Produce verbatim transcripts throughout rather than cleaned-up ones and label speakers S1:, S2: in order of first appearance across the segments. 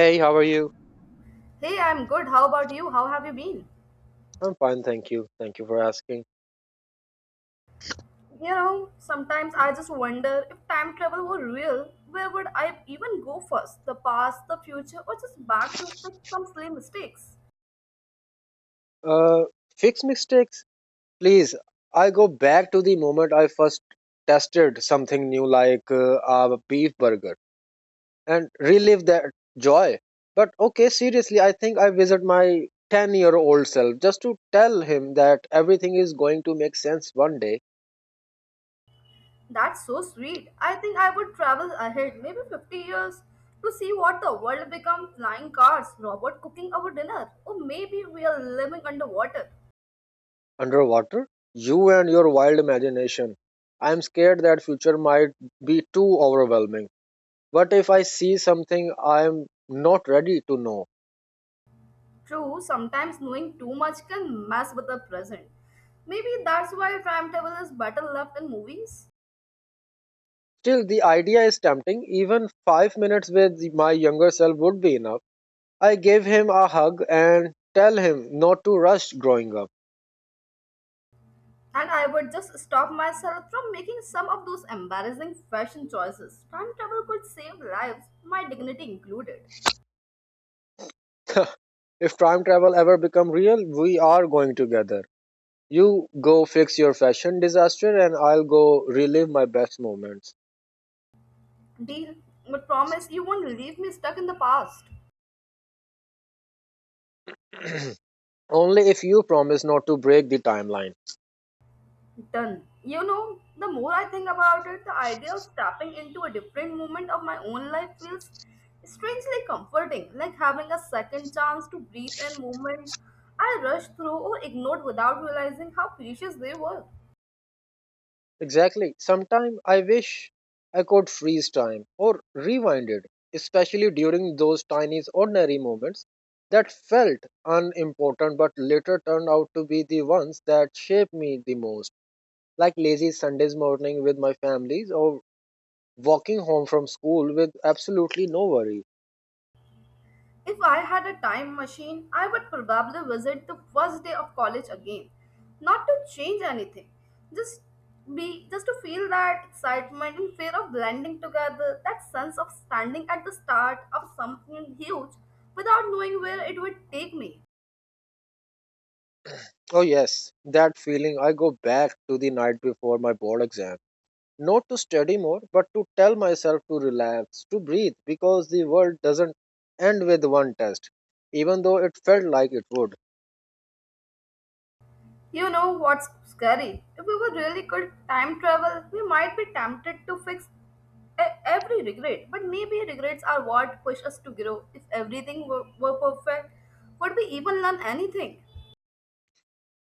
S1: Hey, how are you?
S2: Hey, I'm good. How about you? How have you been?
S1: I'm fine, thank you. Thank you for asking.
S2: You know, sometimes I just wonder if time travel were real, where would I even go first? The past, the future, or just back to fix some silly mistakes?
S1: Uh, Fix mistakes, please. I go back to the moment I first tested something new, like uh, a beef burger, and relive that joy. But okay, seriously, I think I visit my ten year old self just to tell him that everything is going to make sense one day.
S2: That's so sweet. I think I would travel ahead, maybe fifty years, to see what the world become flying cars, robot cooking our dinner, or maybe we are living underwater.
S1: Underwater. You and your wild imagination. I'm scared that future might be too overwhelming. But if I see something I am not ready to know?
S2: True, sometimes knowing too much can mess with the present. Maybe that's why time travel is better left in movies.
S1: Still, the idea is tempting. Even five minutes with my younger self would be enough. I give him a hug and tell him not to rush growing up.
S2: And I would just stop myself from making some of those embarrassing fashion choices. Time travel could save lives, my dignity included.
S1: If time travel ever become real, we are going together. You go fix your fashion disaster and I'll go relive my best moments.
S2: Deal, but promise you won't leave me stuck in the past.
S1: Only if you promise not to break the timeline.
S2: Done. You know, the more I think about it, the idea of stepping into a different moment of my own life feels strangely comforting, like having a second chance to breathe in moments I rushed through or ignored without realizing how precious they were.
S1: Exactly. Sometimes I wish I could freeze time or rewind it, especially during those tiny ordinary moments that felt unimportant but later turned out to be the ones that shaped me the most, like lazy Sundays morning with my families or walking home from school with absolutely no worry.
S2: If I had a time machine, I would probably visit the first day of college again. Not to change anything, just be just to feel that excitement and fear of blending together, that sense of standing at the start of something huge without knowing where it would take me.
S1: Oh yes, that feeling, I go back to the night before my board exam. Not to study more, but to tell myself to relax, to breathe, because the world doesn't end with one test, even though it felt like it would.
S2: You know what's scary? If we were really good time travel, we might be tempted to fix e- every regret. But maybe regrets are what push us to grow. If everything were, were perfect, would we even learn anything?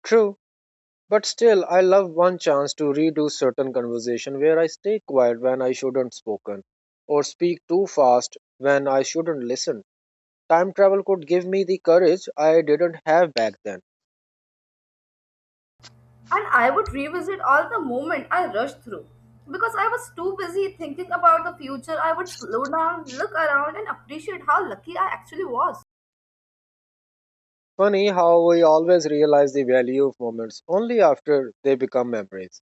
S1: True, but still, I love one chance to redo certain conversation where I stay quiet when I shouldn't spoken, or speak too fast when I shouldn't listen. Time travel could give me the courage I didn't have back then.
S2: And I would revisit all the moment I rushed through. Because I was too busy thinking about the future, I would slow down, look around, and appreciate how lucky I actually was.
S1: Funny how we always realize the value of moments only after they become memories.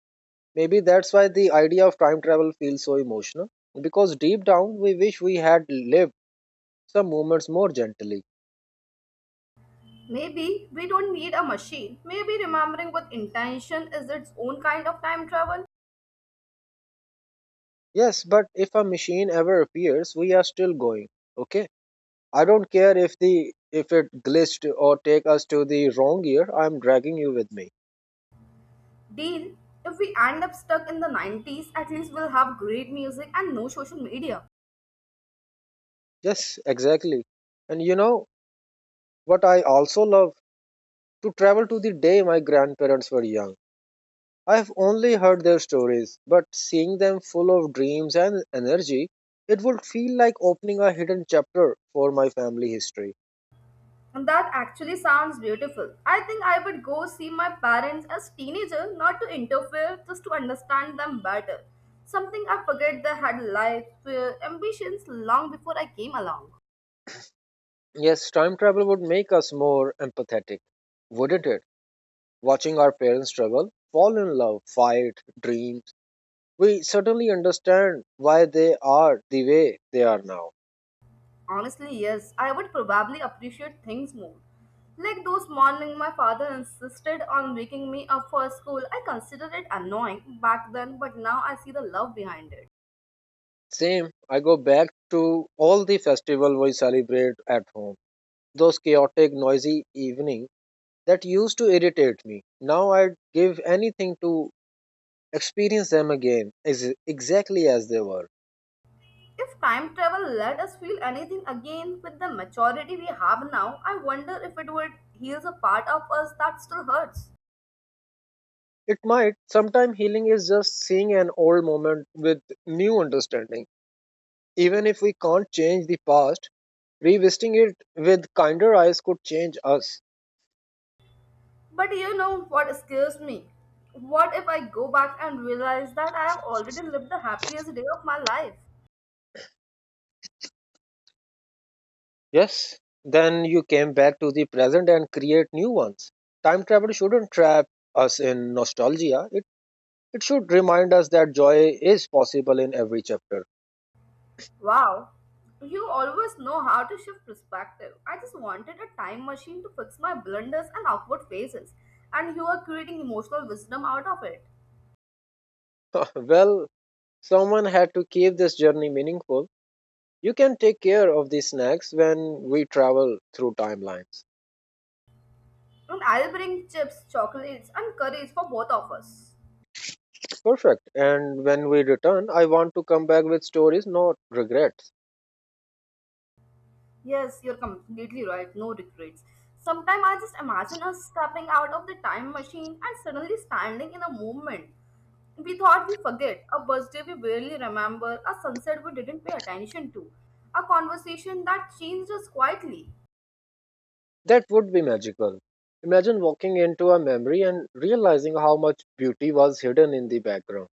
S1: Maybe that's why the idea of time travel feels so emotional, because deep down we wish we had lived some moments more gently.
S2: Maybe we don't need a machine. Maybe remembering with intention is its own kind of time travel.
S1: Yes, but if a machine ever appears, we are still going. Okay? I don't care if the if it glitched or take us to the wrong year, I'm dragging you with me.
S2: Deal, if we end up stuck in the nineties, at least we'll have great music and no social media.
S1: Yes, exactly. And you know what I also love? To travel to the day my grandparents were young. I've only heard their stories, but seeing them full of dreams and energy, it would feel like opening a hidden chapter for my family history.
S2: And that actually sounds beautiful. I think I would go see my parents as teenager, not to interfere, just to understand them better. Something I forget they had life, uh, ambitions long before I came along.
S1: Yes, time travel would make us more empathetic, wouldn't it? Watching our parents struggle, fall in love, fight, dreams, we certainly understand why they are the way they are now.
S2: Honestly, yes, I would probably appreciate things more. Like those morning my father insisted on waking me up for school. I considered it annoying back then, but now I see the love behind it.
S1: Same, I go back to all the festival we celebrate at home. Those chaotic, noisy evenings that used to irritate me. Now I'd give anything to experience them again as exactly as they were.
S2: If time travel let us feel anything again with the maturity we have now, I wonder if it would heal a part of us that still hurts.
S1: It might. Sometimes healing is just seeing an old moment with new understanding. Even if we can't change the past, revisiting it with kinder eyes could change us.
S2: But you know what scares me? What if I go back and realize that I have already lived the happiest day of my life?
S1: Yes, then you came back to the present and create new ones. Time travel shouldn't trap us in nostalgia. It it should remind us that joy is possible in every chapter.
S2: Wow, you always know how to shift perspective. I just wanted a time machine to fix my blunders and awkward phases, and you are creating emotional wisdom out of it.
S1: Well, someone had to keep this journey meaningful. You can take care of these snacks when we travel through timelines.
S2: And I'll bring chips, chocolates, and curries for both of us.
S1: Perfect. And when we return, I want to come back with stories, not regrets.
S2: Yes, you're completely right. No regrets. Sometimes I just imagine us stepping out of the time machine and suddenly standing in a moment. We thought we forget, a birthday we barely remember, a sunset we didn't pay attention to, a conversation that changed us quietly.
S1: That would be magical. Imagine walking into a memory and realizing how much beauty was hidden in the background.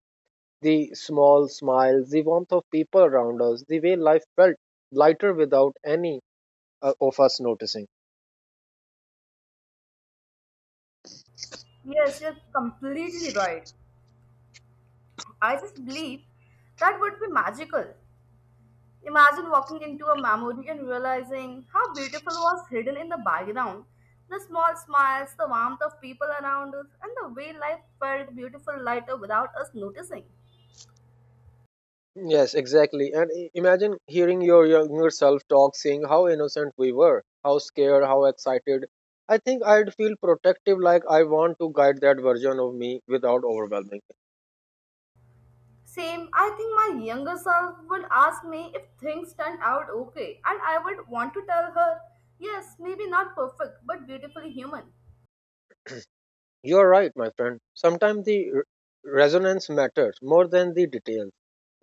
S1: The small smiles, the warmth of people around us, the way life felt lighter without any uh, of us noticing.
S2: Yes, you're completely right. I just believe that would be magical. Imagine walking into a memory and realizing how beautiful was hidden in the background. The small smiles, the warmth of people around us, and the way life felt beautiful lighter without us noticing.
S1: Yes, exactly. And i- imagine hearing your younger self talk, saying how innocent we were, how scared, how excited. I think I'd feel protective, like I want to guide that version of me without overwhelming.
S2: Same, I think my younger self would ask me if things turned out okay, and I would want to tell her, yes, maybe not perfect, but beautifully human.
S1: You're right, my friend. Sometimes the r- resonance matters more than the details.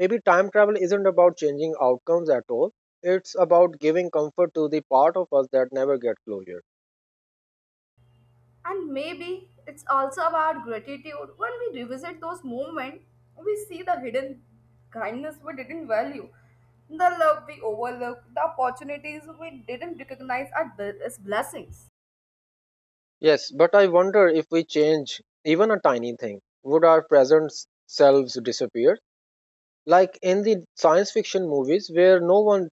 S1: Maybe time travel isn't about changing outcomes at all, it's about giving comfort to the part of us that never get closure.
S2: And maybe it's also about gratitude. When we revisit those moments, we see the hidden kindness we didn't value, the love we overlooked, the opportunities we didn't recognize as bl- as blessings.
S1: Yes, but I wonder if we change even a tiny thing, would our present s- selves disappear? Like in the science fiction movies where no one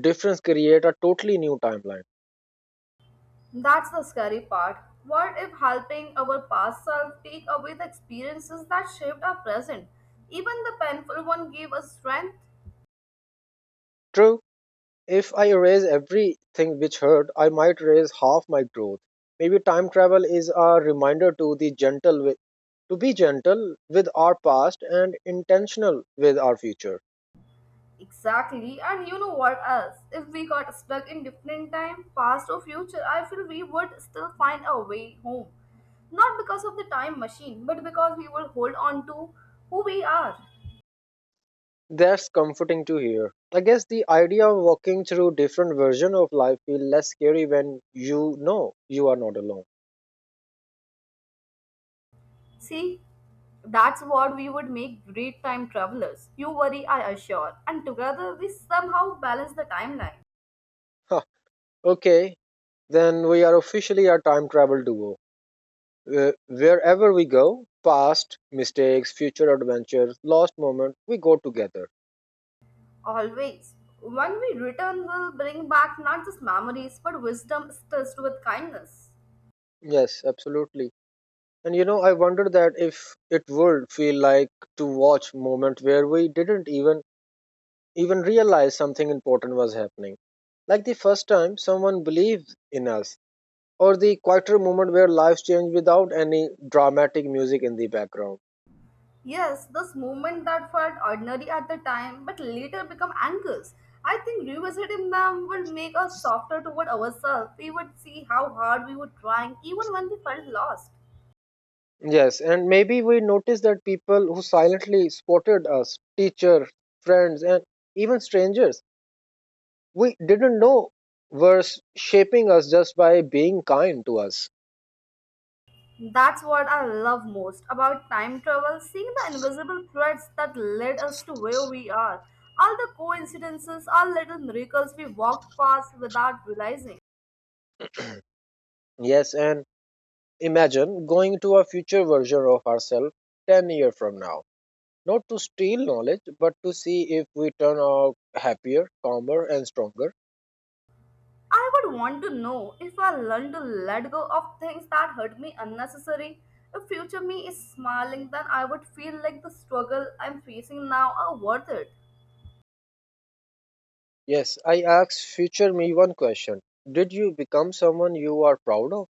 S1: difference create a totally new timeline.
S2: That's the scary part. What if helping our past self take away the experiences that shaped our present? Even the painful one gave us strength.
S1: True, if I erase everything which hurt, I might erase half my growth. Maybe time travel is a reminder to the gentle wi- to be gentle with our past and intentional with our future.
S2: Exactly, and you know what else? If we got stuck in different time, past or future, I feel we would still find a way home. Not because of the time machine, but because we would hold on to who we are.
S1: That's comforting to hear. I guess the idea of walking through different version of life feel less scary when you know you are not alone.
S2: See, that's what we would make great time travelers. You worry, I assure. And together we somehow balance the timeline.
S1: Huh. Okay, then we are officially a time travel duo. Uh, wherever we go, past, mistakes, future adventures, lost moment, we go together.
S2: Always. When we return, we'll bring back not just memories, but wisdom stressed with kindness.
S1: Yes, absolutely. And you know, I wonder that if it would feel like to watch moment where we didn't even even realize something important was happening. Like the first time someone believed in us or the quieter moment where lives change without any dramatic music in the background.
S2: Yes, those movements that felt ordinary at the time but later become anchors. I think revisiting them will make us softer toward ourselves. We would see how hard we were trying even when we felt lost.
S1: Yes, and maybe we notice that people who silently supported us, teachers, friends, and even strangers, we didn't know were s- shaping us just by being kind to us.
S2: That's what I love most about time travel, seeing the invisible threads that led us to where we are. All the coincidences, all little miracles we walked past without realizing.
S1: Yes, and imagine going to a future version of ourselves ten years from now. Not to steal knowledge, but to see if we turn out happier, calmer, and stronger.
S2: I would want to know if I learn to let go of things that hurt me unnecessary. If future me is smiling, then I would feel like the struggle I'm facing now are worth it.
S1: Yes, I asked future me one question. Did you become someone you are proud of?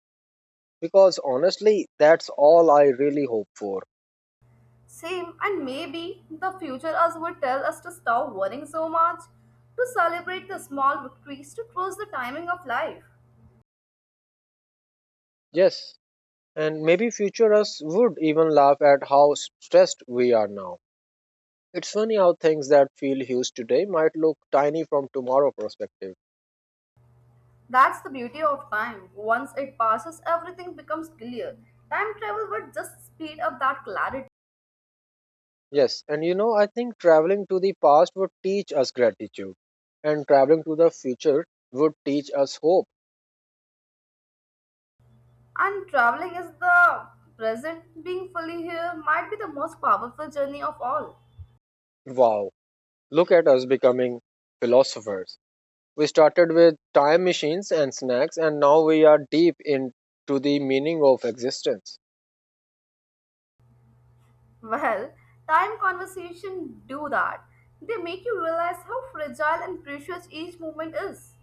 S1: Because honestly, that's all I really hope for.
S2: Same, and maybe the future us would tell us to stop worrying so much, to celebrate the small victories, to trust the timing of life.
S1: Yes, and maybe future us would even laugh at how s- stressed we are now. It's funny how things that feel huge today might look tiny from tomorrow perspective.
S2: That's the beauty of time. Once it passes, everything becomes clear. Time travel would just speed up that clarity.
S1: Yes, and you know, I think traveling to the past would teach us gratitude, and traveling to the future would teach us hope.
S2: And traveling is the present, being fully here might be the most powerful journey of all.
S1: Wow, look at us becoming philosophers. We started with time machines and snacks, and now we are deep into the meaning of existence.
S2: Well, time conversation do that. They make you realize how fragile and precious each moment is.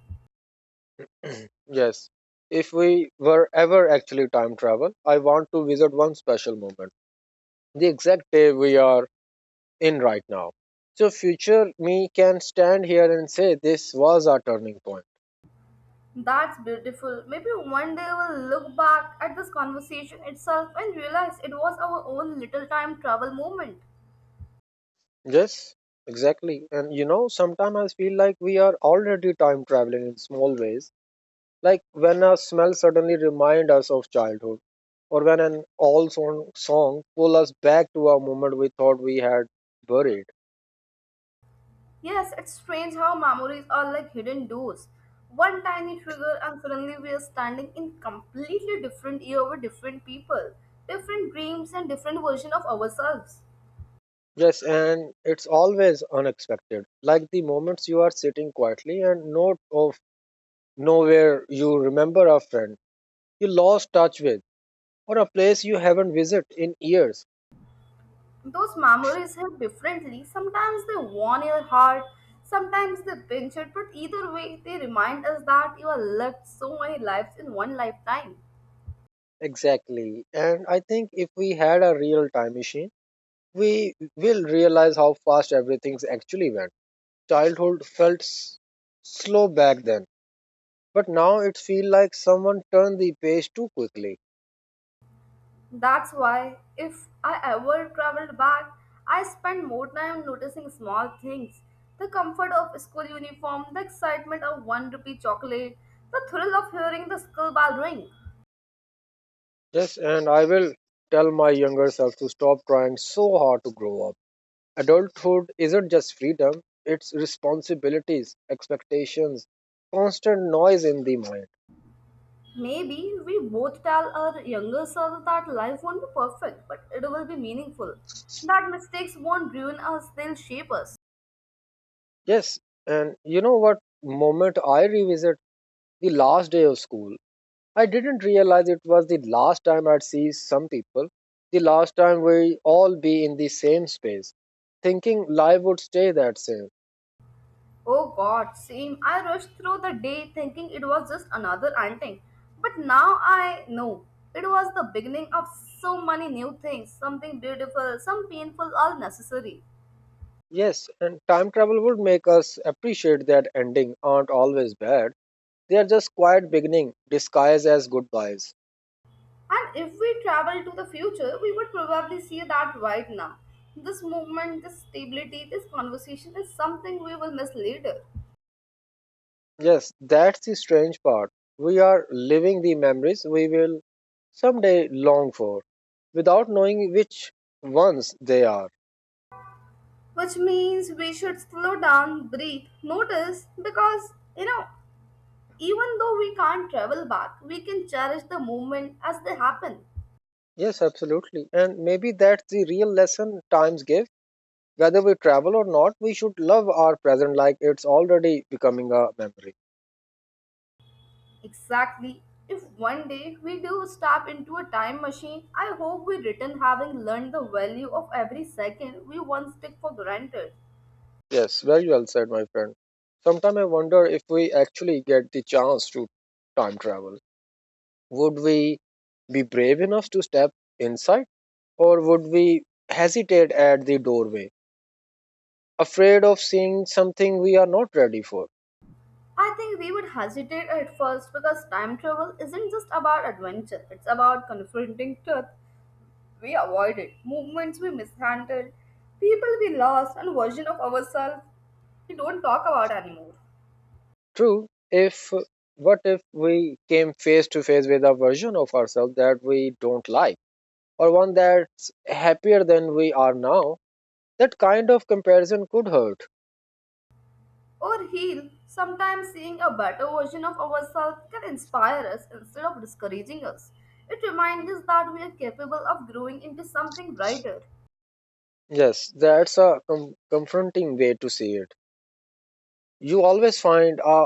S1: Yes. If we were ever actually time travel, I want to visit one special moment, the exact day we are in right now. So future me can stand here and say this was our turning point.
S2: That's beautiful. Maybe one day we'll look back at this conversation itself and realize it was our own little time travel moment.
S1: Yes, exactly. And you know, sometimes I feel like we are already time traveling in small ways. Like when a smell suddenly remind us of childhood, or when an old song, song pull us back to a moment we thought we had buried.
S2: Yes, it's strange how memories are like hidden doors. One tiny trigger, and suddenly we are standing in completely different year with different people, different dreams, and different version of ourselves.
S1: Yes, and it's always unexpected. Like the moments you are sitting quietly and note of nowhere you remember a friend you lost touch with or a place you haven't visited in years.
S2: Those memories hit differently. Sometimes they warn your heart, sometimes they pinch it, but either way, they remind us that you have lived so many lives in one lifetime.
S1: Exactly. And I think if we had a real time machine, we will realize how fast everything's actually went. Childhood felt s- slow back then, but now it feels like someone turned the page too quickly.
S2: That's why, if I ever traveled back, I spend more time noticing small things the comfort of school uniform, the excitement of one rupee chocolate, the thrill of hearing the school bell ring.
S1: Yes, and I will tell my younger self to stop trying so hard to grow up. Adulthood isn't just freedom, it's responsibilities, expectations, constant noise in the mind.
S2: Maybe we both tell our younger self that life won't be perfect, but it will be meaningful. That mistakes won't ruin us, they'll shape us.
S1: Yes, and you know what moment I revisit, the last day of school. I didn't realize it was the last time I'd see some people, the last time we all be in the same space, thinking life would stay that same.
S2: Oh god, same. I rushed through the day thinking it was just another anting. But now I know. It was the beginning of so many new things, something beautiful, some painful, all necessary.
S1: Yes, and time travel would make us appreciate that ending aren't always bad. They are just quiet beginning disguised as goodbyes.
S2: And if we travel to the future, we would probably see that right now. This movement, this stability, this conversation is something we will miss later.
S1: Yes, that's the strange part. We are living the memories we will someday long for without knowing which ones they are.
S2: Which means we should slow down, breathe, notice, because, you know, even though we can't travel back, we can cherish the moment as they happen.
S1: Yes, absolutely. And maybe that's the real lesson times gives. Whether we travel or not, we should love our present like it's already becoming a memory.
S2: Exactly. If one day we do step into a time machine, I hope we return having learned the value of every second we once took for granted.
S1: Yes, very well said, my friend. Sometimes I wonder if we actually get the chance to time travel. Would we be brave enough to step inside, or would we hesitate at the doorway, afraid of seeing something we are not ready for?
S2: I think we would hesitate at first because time travel isn't just about adventure, it's about confronting truth we avoided, movements we mishandled, people we lost, and version of ourselves we don't talk about anymore.
S1: True. If what if we came face to face with a version of ourselves that we don't like, or one that's happier than we are now? That kind of comparison could hurt.
S2: Or heal, sometimes seeing a better version of ourselves can inspire us instead of discouraging us. It reminds us that we are capable of growing into something brighter.
S1: Yes, that's a com- confronting way to see it. You always find a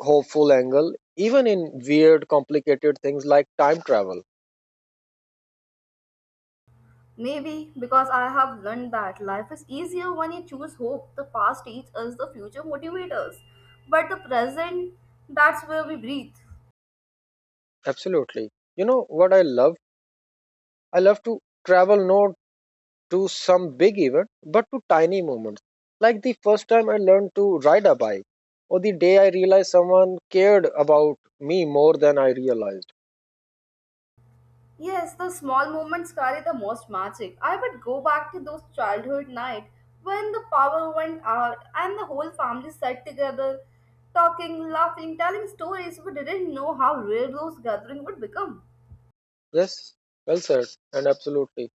S1: hopeful angle, even in weird, complicated things like time travel.
S2: Maybe because I have learned that life is easier when you choose hope. The past teaches us, the future motivates us. But the present, that's where we breathe.
S1: Absolutely. You know what I love? I love to travel not to some big event, but to tiny moments. Like the first time I learned to ride a bike, or the day I realized someone cared about me more than I realized.
S2: Yes, those small moments carry the most magic. I would go back to those childhood night when the power went out and the whole family sat together, talking, laughing, telling stories. We didn't know how rare those gatherings would become.
S1: Yes, well said, and absolutely.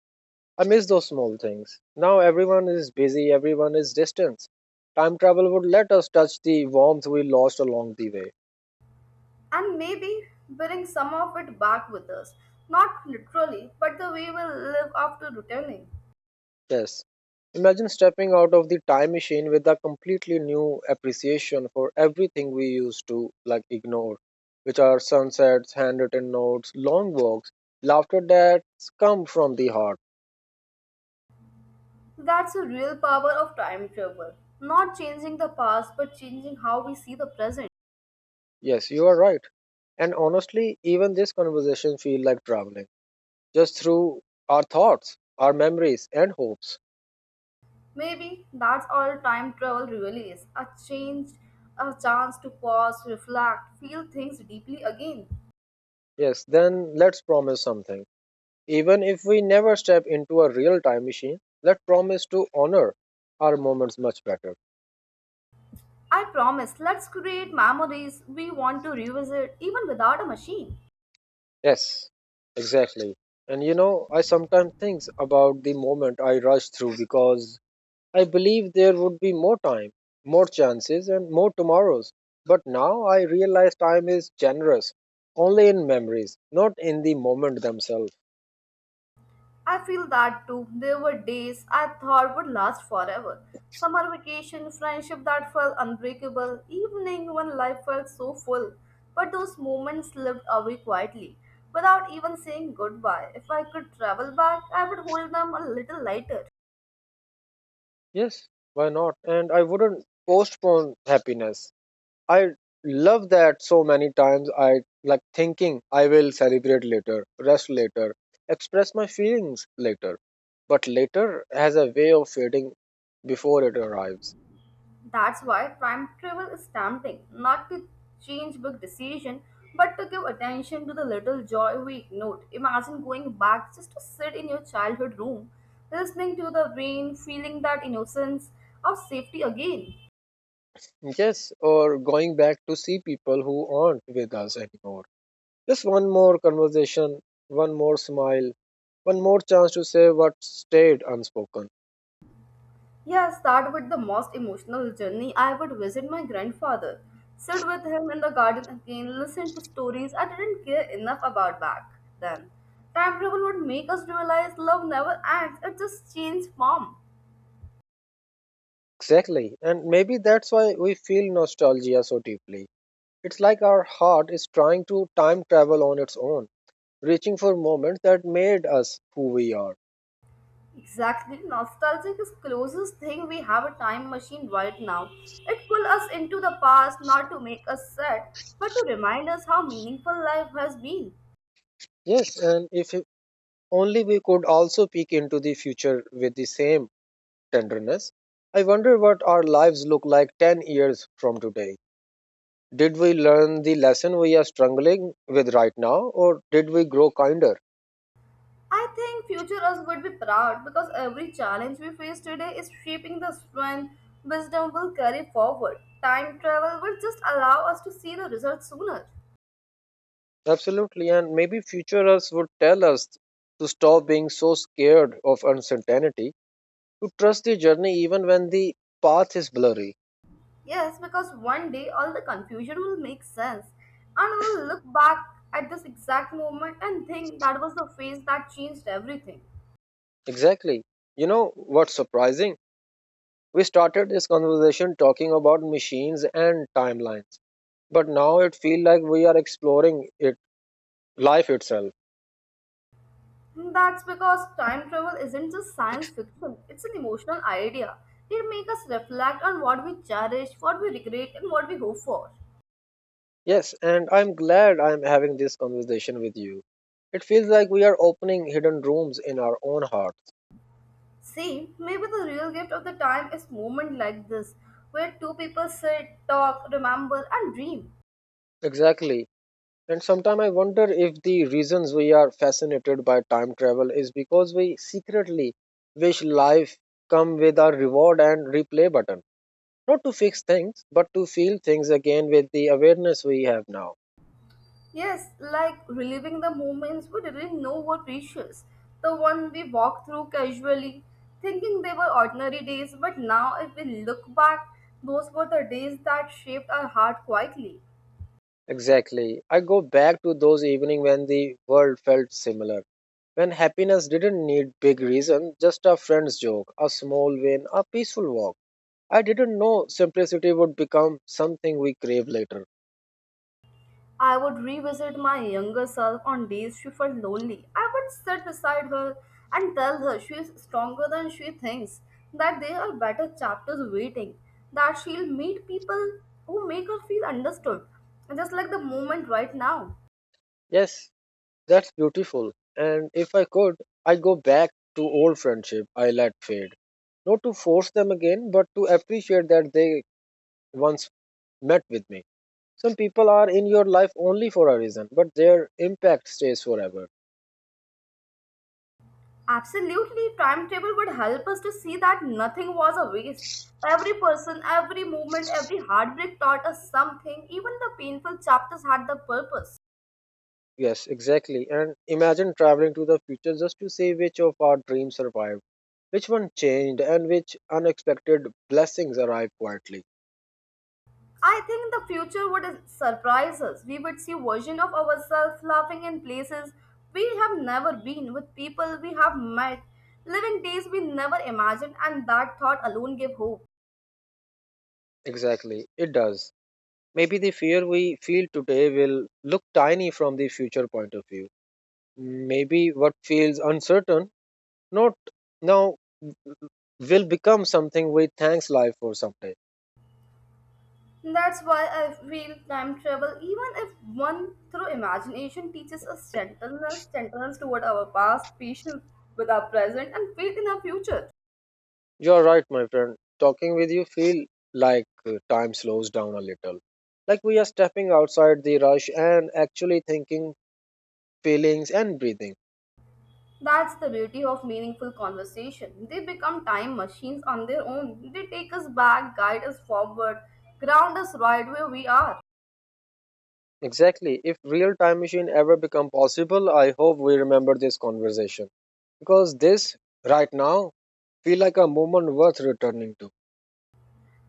S1: I miss those small things. Now everyone is busy, everyone is distant. Time travel would let us touch the warmth we lost along the way.
S2: And maybe bring some of it back with us. Not literally, but the way we live after returning.
S1: Yes. Imagine stepping out of the time machine with a completely new appreciation for everything we used to like ignore, which are sunsets, handwritten notes, long walks, laughter that's come from the heart.
S2: That's the real power of time travel. Not changing the past, but changing how we see the present.
S1: Yes, you are right. And honestly, even this conversation feels like traveling, just through our thoughts, our memories and hopes.
S2: Maybe that's all time travel really is a change, a chance to pause, reflect, feel things deeply again.
S1: Yes, then let's promise something. Even if we never step into a real time machine, let's promise to honor our moments much better.
S2: I promise, let's create memories we want to revisit even without a machine.
S1: Yes, exactly. And you know, I sometimes think about the moment I rushed through because I believe there would be more time, more chances, and more tomorrows. But now I realize time is generous only in memories, not in the moment themselves.
S2: I feel that too. There were days I thought would last forever. Summer vacation, friendship that felt unbreakable, evening when life felt so full. But those moments slipped away quietly, without even saying goodbye. If I could travel back, I would hold them a little lighter.
S1: Yes, why not? And I wouldn't postpone happiness. I love that so many times I like thinking I will celebrate later, rest later, express my feelings later. But later has a way of fading before it arrives.
S2: That's why time travel is tempting, not to change big decision, but to give attention to the little joy we ignored. Imagine going back just to sit in your childhood room, listening to the rain, feeling that innocence of safety again.
S1: Yes, or going back to see people who aren't with us anymore. Just one more conversation, one more smile, one more chance to say what stayed unspoken.
S2: Yes, that would the most emotional journey. I would visit my grandfather, sit with him in the garden again, listen to stories I didn't care enough about back then. Time travel would make us realize love never ends; it just changes form.
S1: Exactly. And maybe that's why we feel nostalgia so deeply. It's like our heart is trying to time travel on its own, reaching for moments that made us who we are.
S2: Exactly. Nostalgic is closest thing we have a time machine right now. It pulls us into the past not to make us sad, but to remind us how meaningful life has been.
S1: Yes, and if only we could also peek into the future with the same tenderness. I wonder what our lives look like ten years from today. Did we learn the lesson we are struggling with right now, or did we grow kinder?
S2: I think future us would be proud because every challenge we face today is shaping the strength wisdom will carry forward. Time travel will just allow us to see the results sooner.
S1: Absolutely, and maybe future us would tell us to stop being so scared of uncertainty, to trust the journey even when the path is blurry.
S2: Yes, because one day all the confusion will make sense and we'll look back at this exact moment and think that was the phase that changed everything.
S1: Exactly. You know what's surprising? We started this conversation talking about machines and timelines, but now it feels like we are exploring it life itself.
S2: That's because time travel isn't just science fiction, it's an emotional idea. It makes us reflect on what we cherish, what we regret, and what we hope for.
S1: Yes, and I'm glad I'm having this conversation with you. It feels like we are opening hidden rooms in our own hearts.
S2: See, maybe the real gift of the time is moment like this, where two people sit, talk, remember, and dream.
S1: Exactly. And sometimes I wonder if the reasons we are fascinated by time travel is because we secretly wish life come with a reward and replay button. Not to fix things, but to feel things again with the awareness we have now.
S2: Yes, like reliving the moments we didn't know were precious. The one we walked through casually, thinking they were ordinary days, but now if we look back, those were the days that shaped our heart quietly.
S1: Exactly. I go back to those evenings when the world felt similar. When happiness didn't need big reason, just a friend's joke, a small win, a peaceful walk. I didn't know simplicity would become something we crave later.
S2: I would revisit my younger self on days she felt lonely. I would sit beside her and tell her she is stronger than she thinks, that there are better chapters waiting, that she'll meet people who make her feel understood, just like the moment right now.
S1: Yes, that's beautiful. And if I could, I'd go back to old friendship I let fade. Not to force them again, but to appreciate that they once met with me. Some people are in your life only for a reason, but their impact stays forever.
S2: Absolutely, timetable would help us to see that nothing was a waste. Every person, every movement, every heartbreak taught us something. Even the painful chapters had the purpose.
S1: Yes, exactly. And imagine traveling to the future just to see which of our dreams survived, which one changed, and which unexpected blessings arrived quietly.
S2: I think the future would surprise us. We would see version of ourselves laughing in places we have never been, with people we have met, living days we never imagined, and that thought alone gave hope.
S1: Exactly, it does. Maybe the fear we feel today will look tiny from the future point of view. Maybe what feels uncertain, not now, will become something we thanks life for someday.
S2: That's why I feel time travel, even if one through imagination, teaches us gentleness, gentleness toward our past, patience with our present, and faith in our future.
S1: You're right, my friend. Talking with you feel like uh, time slows down a little. Like we are stepping outside the rush and actually thinking, feelings and breathing.
S2: That's the beauty of meaningful conversation. They become time machines on their own. They take us back, guide us forward, ground us right where we are.
S1: Exactly. If real time machine ever become possible, I hope we remember this conversation because this right now feel like a moment worth returning to.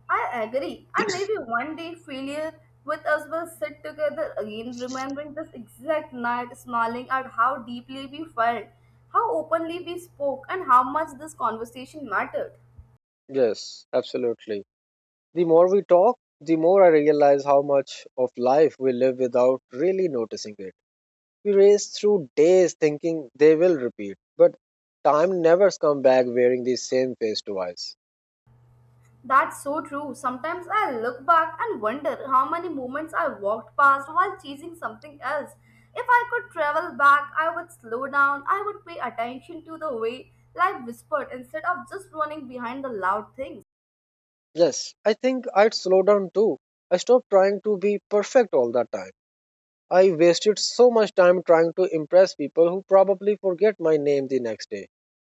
S2: I agree, and maybe one day failure with us will sit together again, remembering this exact night, smiling at how deeply we felt, how openly we spoke, and how much this conversation mattered.
S1: Yes, absolutely. The more we talk, the more I realize how much of life we live without really noticing it. We race through days thinking they will repeat, but time never comes back wearing the same face twice.
S2: That's so true. Sometimes I look back and wonder how many moments I walked past while chasing something else. If I could travel back, I would slow down, I would pay attention to the way life whispered instead of just running behind the loud things.
S1: Yes, I think I'd slow down too. I stopped trying to be perfect all the time. I wasted so much time trying to impress people who probably forget my name the next day.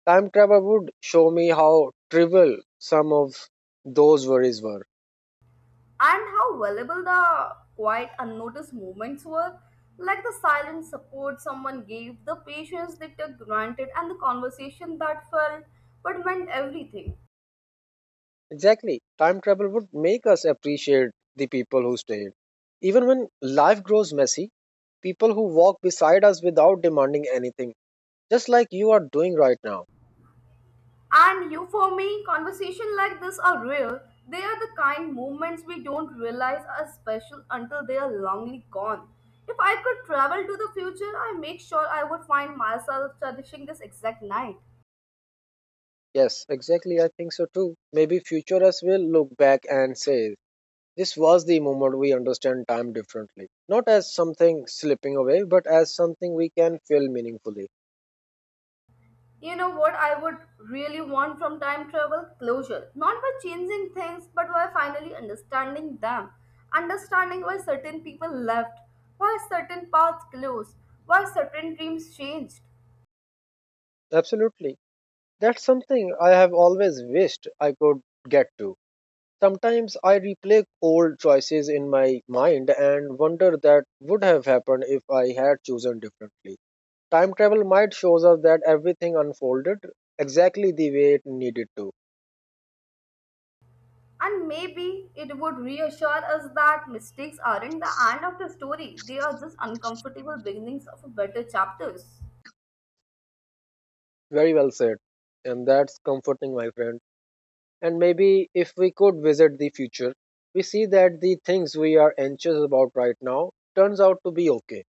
S1: Time travel would show me how trivial some of those worries were.
S2: And how valuable the quiet unnoticed moments were, like the silent support someone gave, the patience they took granted, and the conversation that felt but meant everything.
S1: Exactly. Time travel would make us appreciate the people who stayed. Even when life grows messy, people who walk beside us without demanding anything, just like you are doing right now.
S2: And you for me conversation like this are real. They are the kind moments we don't realize are special until they are longly gone. If I could travel to the future, I make sure I would find myself cherishing this exact night.
S1: Yes, exactly, I think so too. Maybe future us will look back and say, this was the moment we understand time differently. Not as something slipping away, but as something we can feel meaningfully.
S2: You know what I would really want from time travel? Closure. Not by changing things, but by finally understanding them. Understanding why certain people left, why certain paths closed, why certain dreams changed.
S1: Absolutely. That's something I have always wished I could get to. Sometimes I replay old choices in my mind and wonder that would have happened if I had chosen differently. Time travel might shows us that everything unfolded exactly the way it needed to.
S2: And maybe it would reassure us that mistakes aren't the end of the story, they are just uncomfortable beginnings of better chapters.
S1: Very well said. And that's comforting, my friend. And maybe if we could visit the future, we see that the things we are anxious about right now turns out to be okay.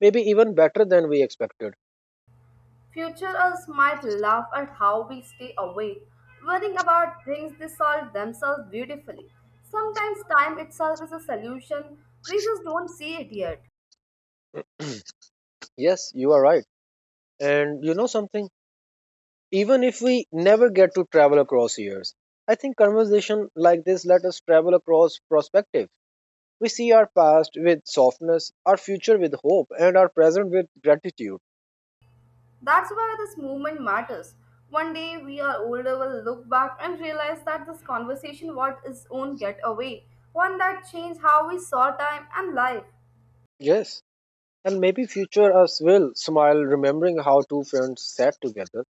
S1: Maybe even better than we expected.
S2: Future us might laugh at how we stay awake, worrying about things they solve themselves beautifully. Sometimes time itself is a solution, we just don't see it yet.
S1: Yes, you are right. And you know something? Even if we never get to travel across years, I think conversation like this let us travel across perspective. We see our past with softness, our future with hope, and our present with gratitude.
S2: That's why this movement matters. One day we are older will look back and realize that this conversation was its own getaway, one that changed how we saw time and life.
S1: Yes. And maybe future us will smile remembering how two friends sat together,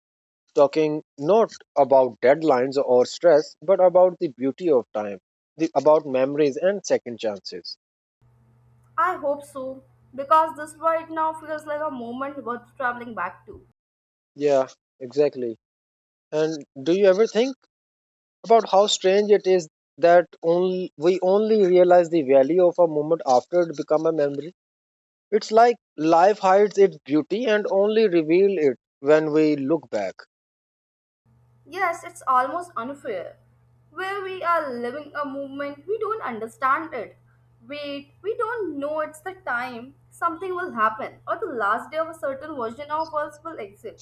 S1: talking not about deadlines or stress, but about the beauty of time, the, about memories and second chances.
S2: I hope so, because this right now feels like a moment worth traveling back to.
S1: Yeah, exactly. And do you ever think about how strange it is that only, we only realize the value of a moment after it become a memory? It's like life hides its beauty and only reveal it when we look back.
S2: Yes, it's almost unfair. Where we are living a movement, we don't understand it. Wait, we don't know it's the time something will happen, or the last day of a certain version of us will exist.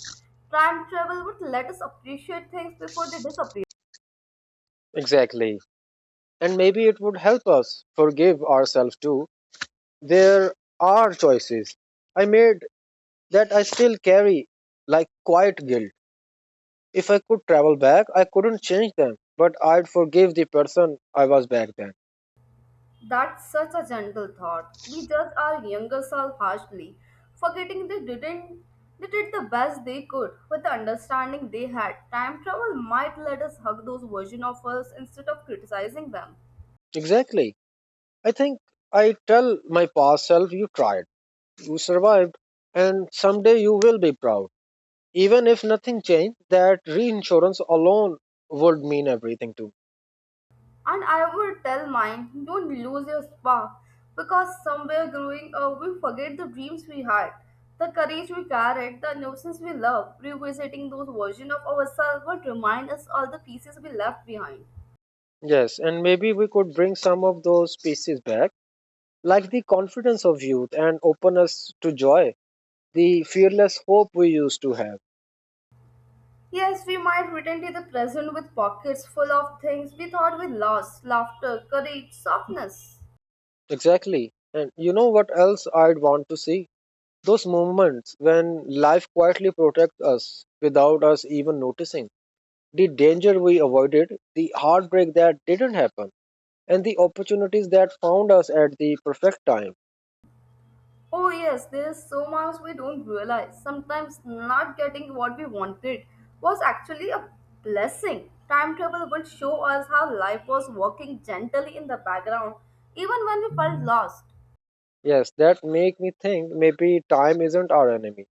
S2: Time travel would let us appreciate things before they disappear.
S1: Exactly. And maybe it would help us forgive ourselves too. There are choices I made that I still carry like quiet guilt. If I could travel back, I couldn't change them, but I'd forgive the person I was back then.
S2: That's such a gentle thought. We judge our younger self harshly, forgetting they didn't they did the best they could with the understanding they had. Time travel might let us hug those versions of us instead of criticizing them.
S1: Exactly. I think I tell my past self you tried, you survived, and someday you will be proud. Even if nothing changed, that reinsurance alone would mean everything to me.
S2: And I would tell mine, don't lose your spark because somewhere growing up we forget the dreams we had, the courage we carried, the innocence we loved. Revisiting those versions of ourselves would remind us all the pieces we left behind.
S1: Yes, and maybe we could bring some of those pieces back, like the confidence of youth and openness to joy, the fearless hope we used to have.
S2: Yes, we might return to the present with pockets full of things we thought we lost: laughter, courage, softness.
S1: Exactly. And you know what else I'd want to see? Those moments when life quietly protects us without us even noticing. The danger we avoided, the heartbreak that didn't happen, and the opportunities that found us at the perfect time.
S2: Oh, yes, there is so much we don't realize. Sometimes not getting what we wanted was actually a blessing. Time travel would show us how life was working gently in the background, even when we felt lost.
S1: Yes, that make me think maybe time isn't our enemy.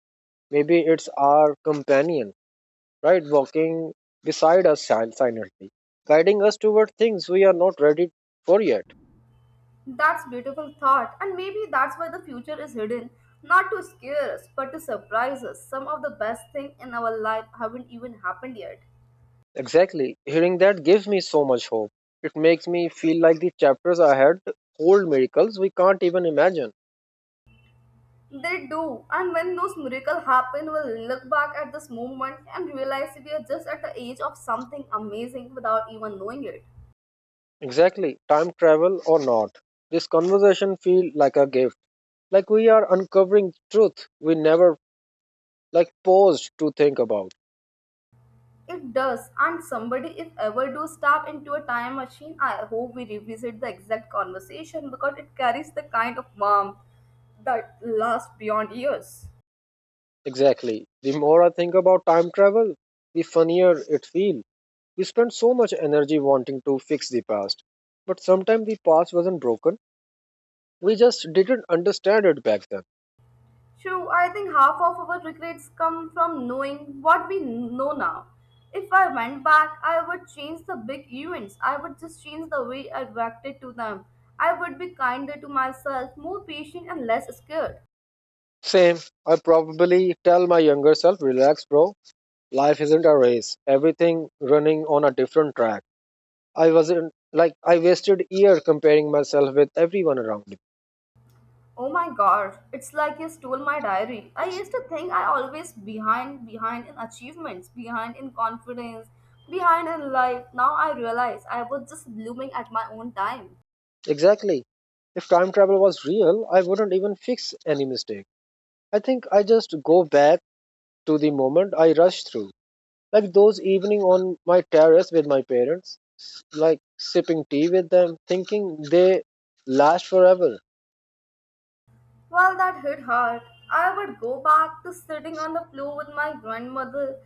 S1: Maybe it's our companion, right? Walking beside us sil- silently, guiding us toward things we are not ready for yet.
S2: That's beautiful thought, and maybe that's why the future is hidden, not to scare us, but to surprise us. Some of the best things in our life haven't even happened yet.
S1: Exactly. Hearing that gives me so much hope. It makes me feel like the chapters ahead hold miracles we can't even imagine.
S2: They do, and when those miracles happen, we'll look back at this moment and realize we are just at the age of something amazing without even knowing it.
S1: Exactly. Time travel or not. This conversation feel like a gift. Like we are uncovering truth we never like paused to think about.
S2: It does, and somebody, if ever do step into a time machine, I hope we revisit the exact conversation because it carries the kind of warmth that lasts beyond years.
S1: Exactly. The more I think about time travel, the funnier it feels. We spend so much energy wanting to fix the past. But sometimes the past wasn't broken. We just didn't understand it back then.
S2: True, I think half of our regrets come from knowing what we know now. If I went back, I would change the big events. I would just change the way I reacted to them. I would be kinder to myself, more patient, and less scared.
S1: Same. I probably tell my younger self, relax, bro. Life isn't a race. Everything running on a different track. I wasn't like I wasted year comparing myself with everyone around me.
S2: Oh my god, it's like you stole my diary. I used to think I always behind behind in achievements, behind in confidence, behind in life. Now I realize I was just blooming at my own time.
S1: Exactly. If time travel was real, I wouldn't even fix any mistake. I think I just go back to the moment I rush through. Like those evening on my terrace with my parents, like sipping tea with them, thinking they last forever.
S2: Well, that hit hard. I would go back to sitting on the floor with my grandmother,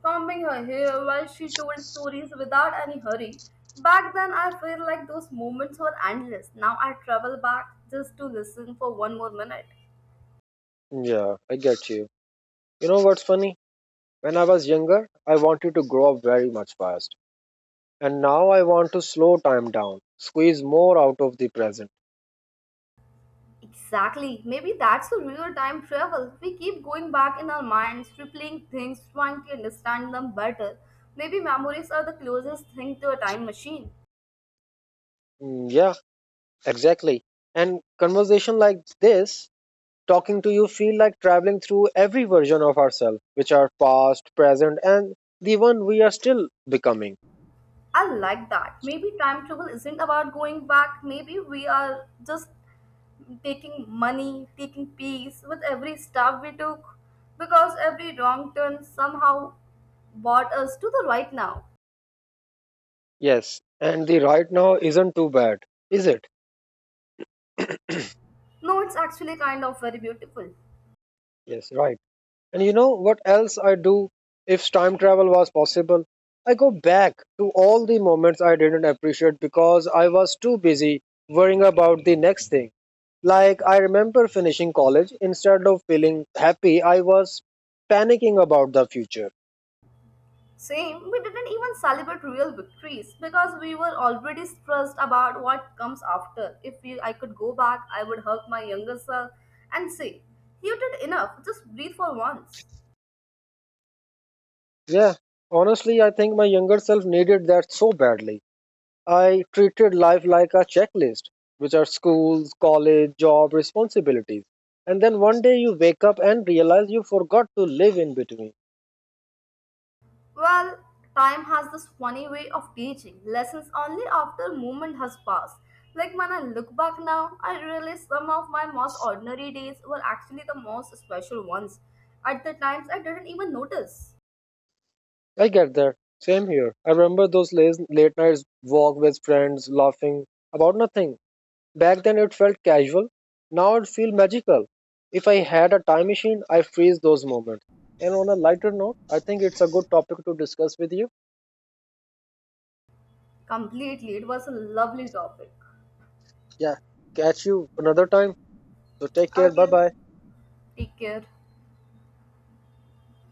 S2: combing her hair while she told stories without any hurry. Back then, I feel like those moments were endless. Now I travel back just to listen for one more minute.
S1: Yeah, I get you. You know what's funny? When I was younger, I wanted to grow up very much fast. And now I want to slow time down, squeeze more out of the present.
S2: Exactly. Maybe that's the real time travel. We keep going back in our minds, replaying things, trying to understand them better. Maybe memories are the closest thing to a time machine.
S1: Mm, yeah, exactly. And conversation like this, talking to you feel like traveling through every version of ourselves, which are past, present, and the one we are still becoming.
S2: I like that. Maybe time travel isn't about going back. Maybe we are just taking money, taking peace with every step we took because every wrong turn somehow brought us to the right now.
S1: Yes, and the right now isn't too bad, is it?
S2: No, it's actually kind of very beautiful.
S1: Yes, right. And you know what else I do if time travel was possible? I go back to all the moments I didn't appreciate because I was too busy worrying about the next thing. Like, I remember finishing college, instead of feeling happy, I was panicking about the future.
S2: Same, we didn't even celebrate real victories because we were already stressed about what comes after. If we, I could go back, I would hug my younger self and say, "You did enough, just breathe for once."
S1: Yeah, honestly, I think my younger self needed that so badly. I treated life like a checklist, which are schools, college, job, responsibilities. And then one day you wake up and realize you forgot to live in between.
S2: Well, time has this funny way of teaching lessons only after moment has passed. Like when I look back now, I realize some of my most ordinary days were actually the most special ones. At the times, I didn't even notice.
S1: I get that. Same here. I remember those late, late nights walk with friends, laughing about nothing. Back then it felt casual. Now it feels magical. If I had a time machine, I freeze those moments. And on a lighter note, I think it's a good topic to discuss with you.
S2: Completely, it was a lovely topic.
S1: Yeah. Catch you another time. So take care. Bye
S2: Okay,
S1: bye.
S2: take care.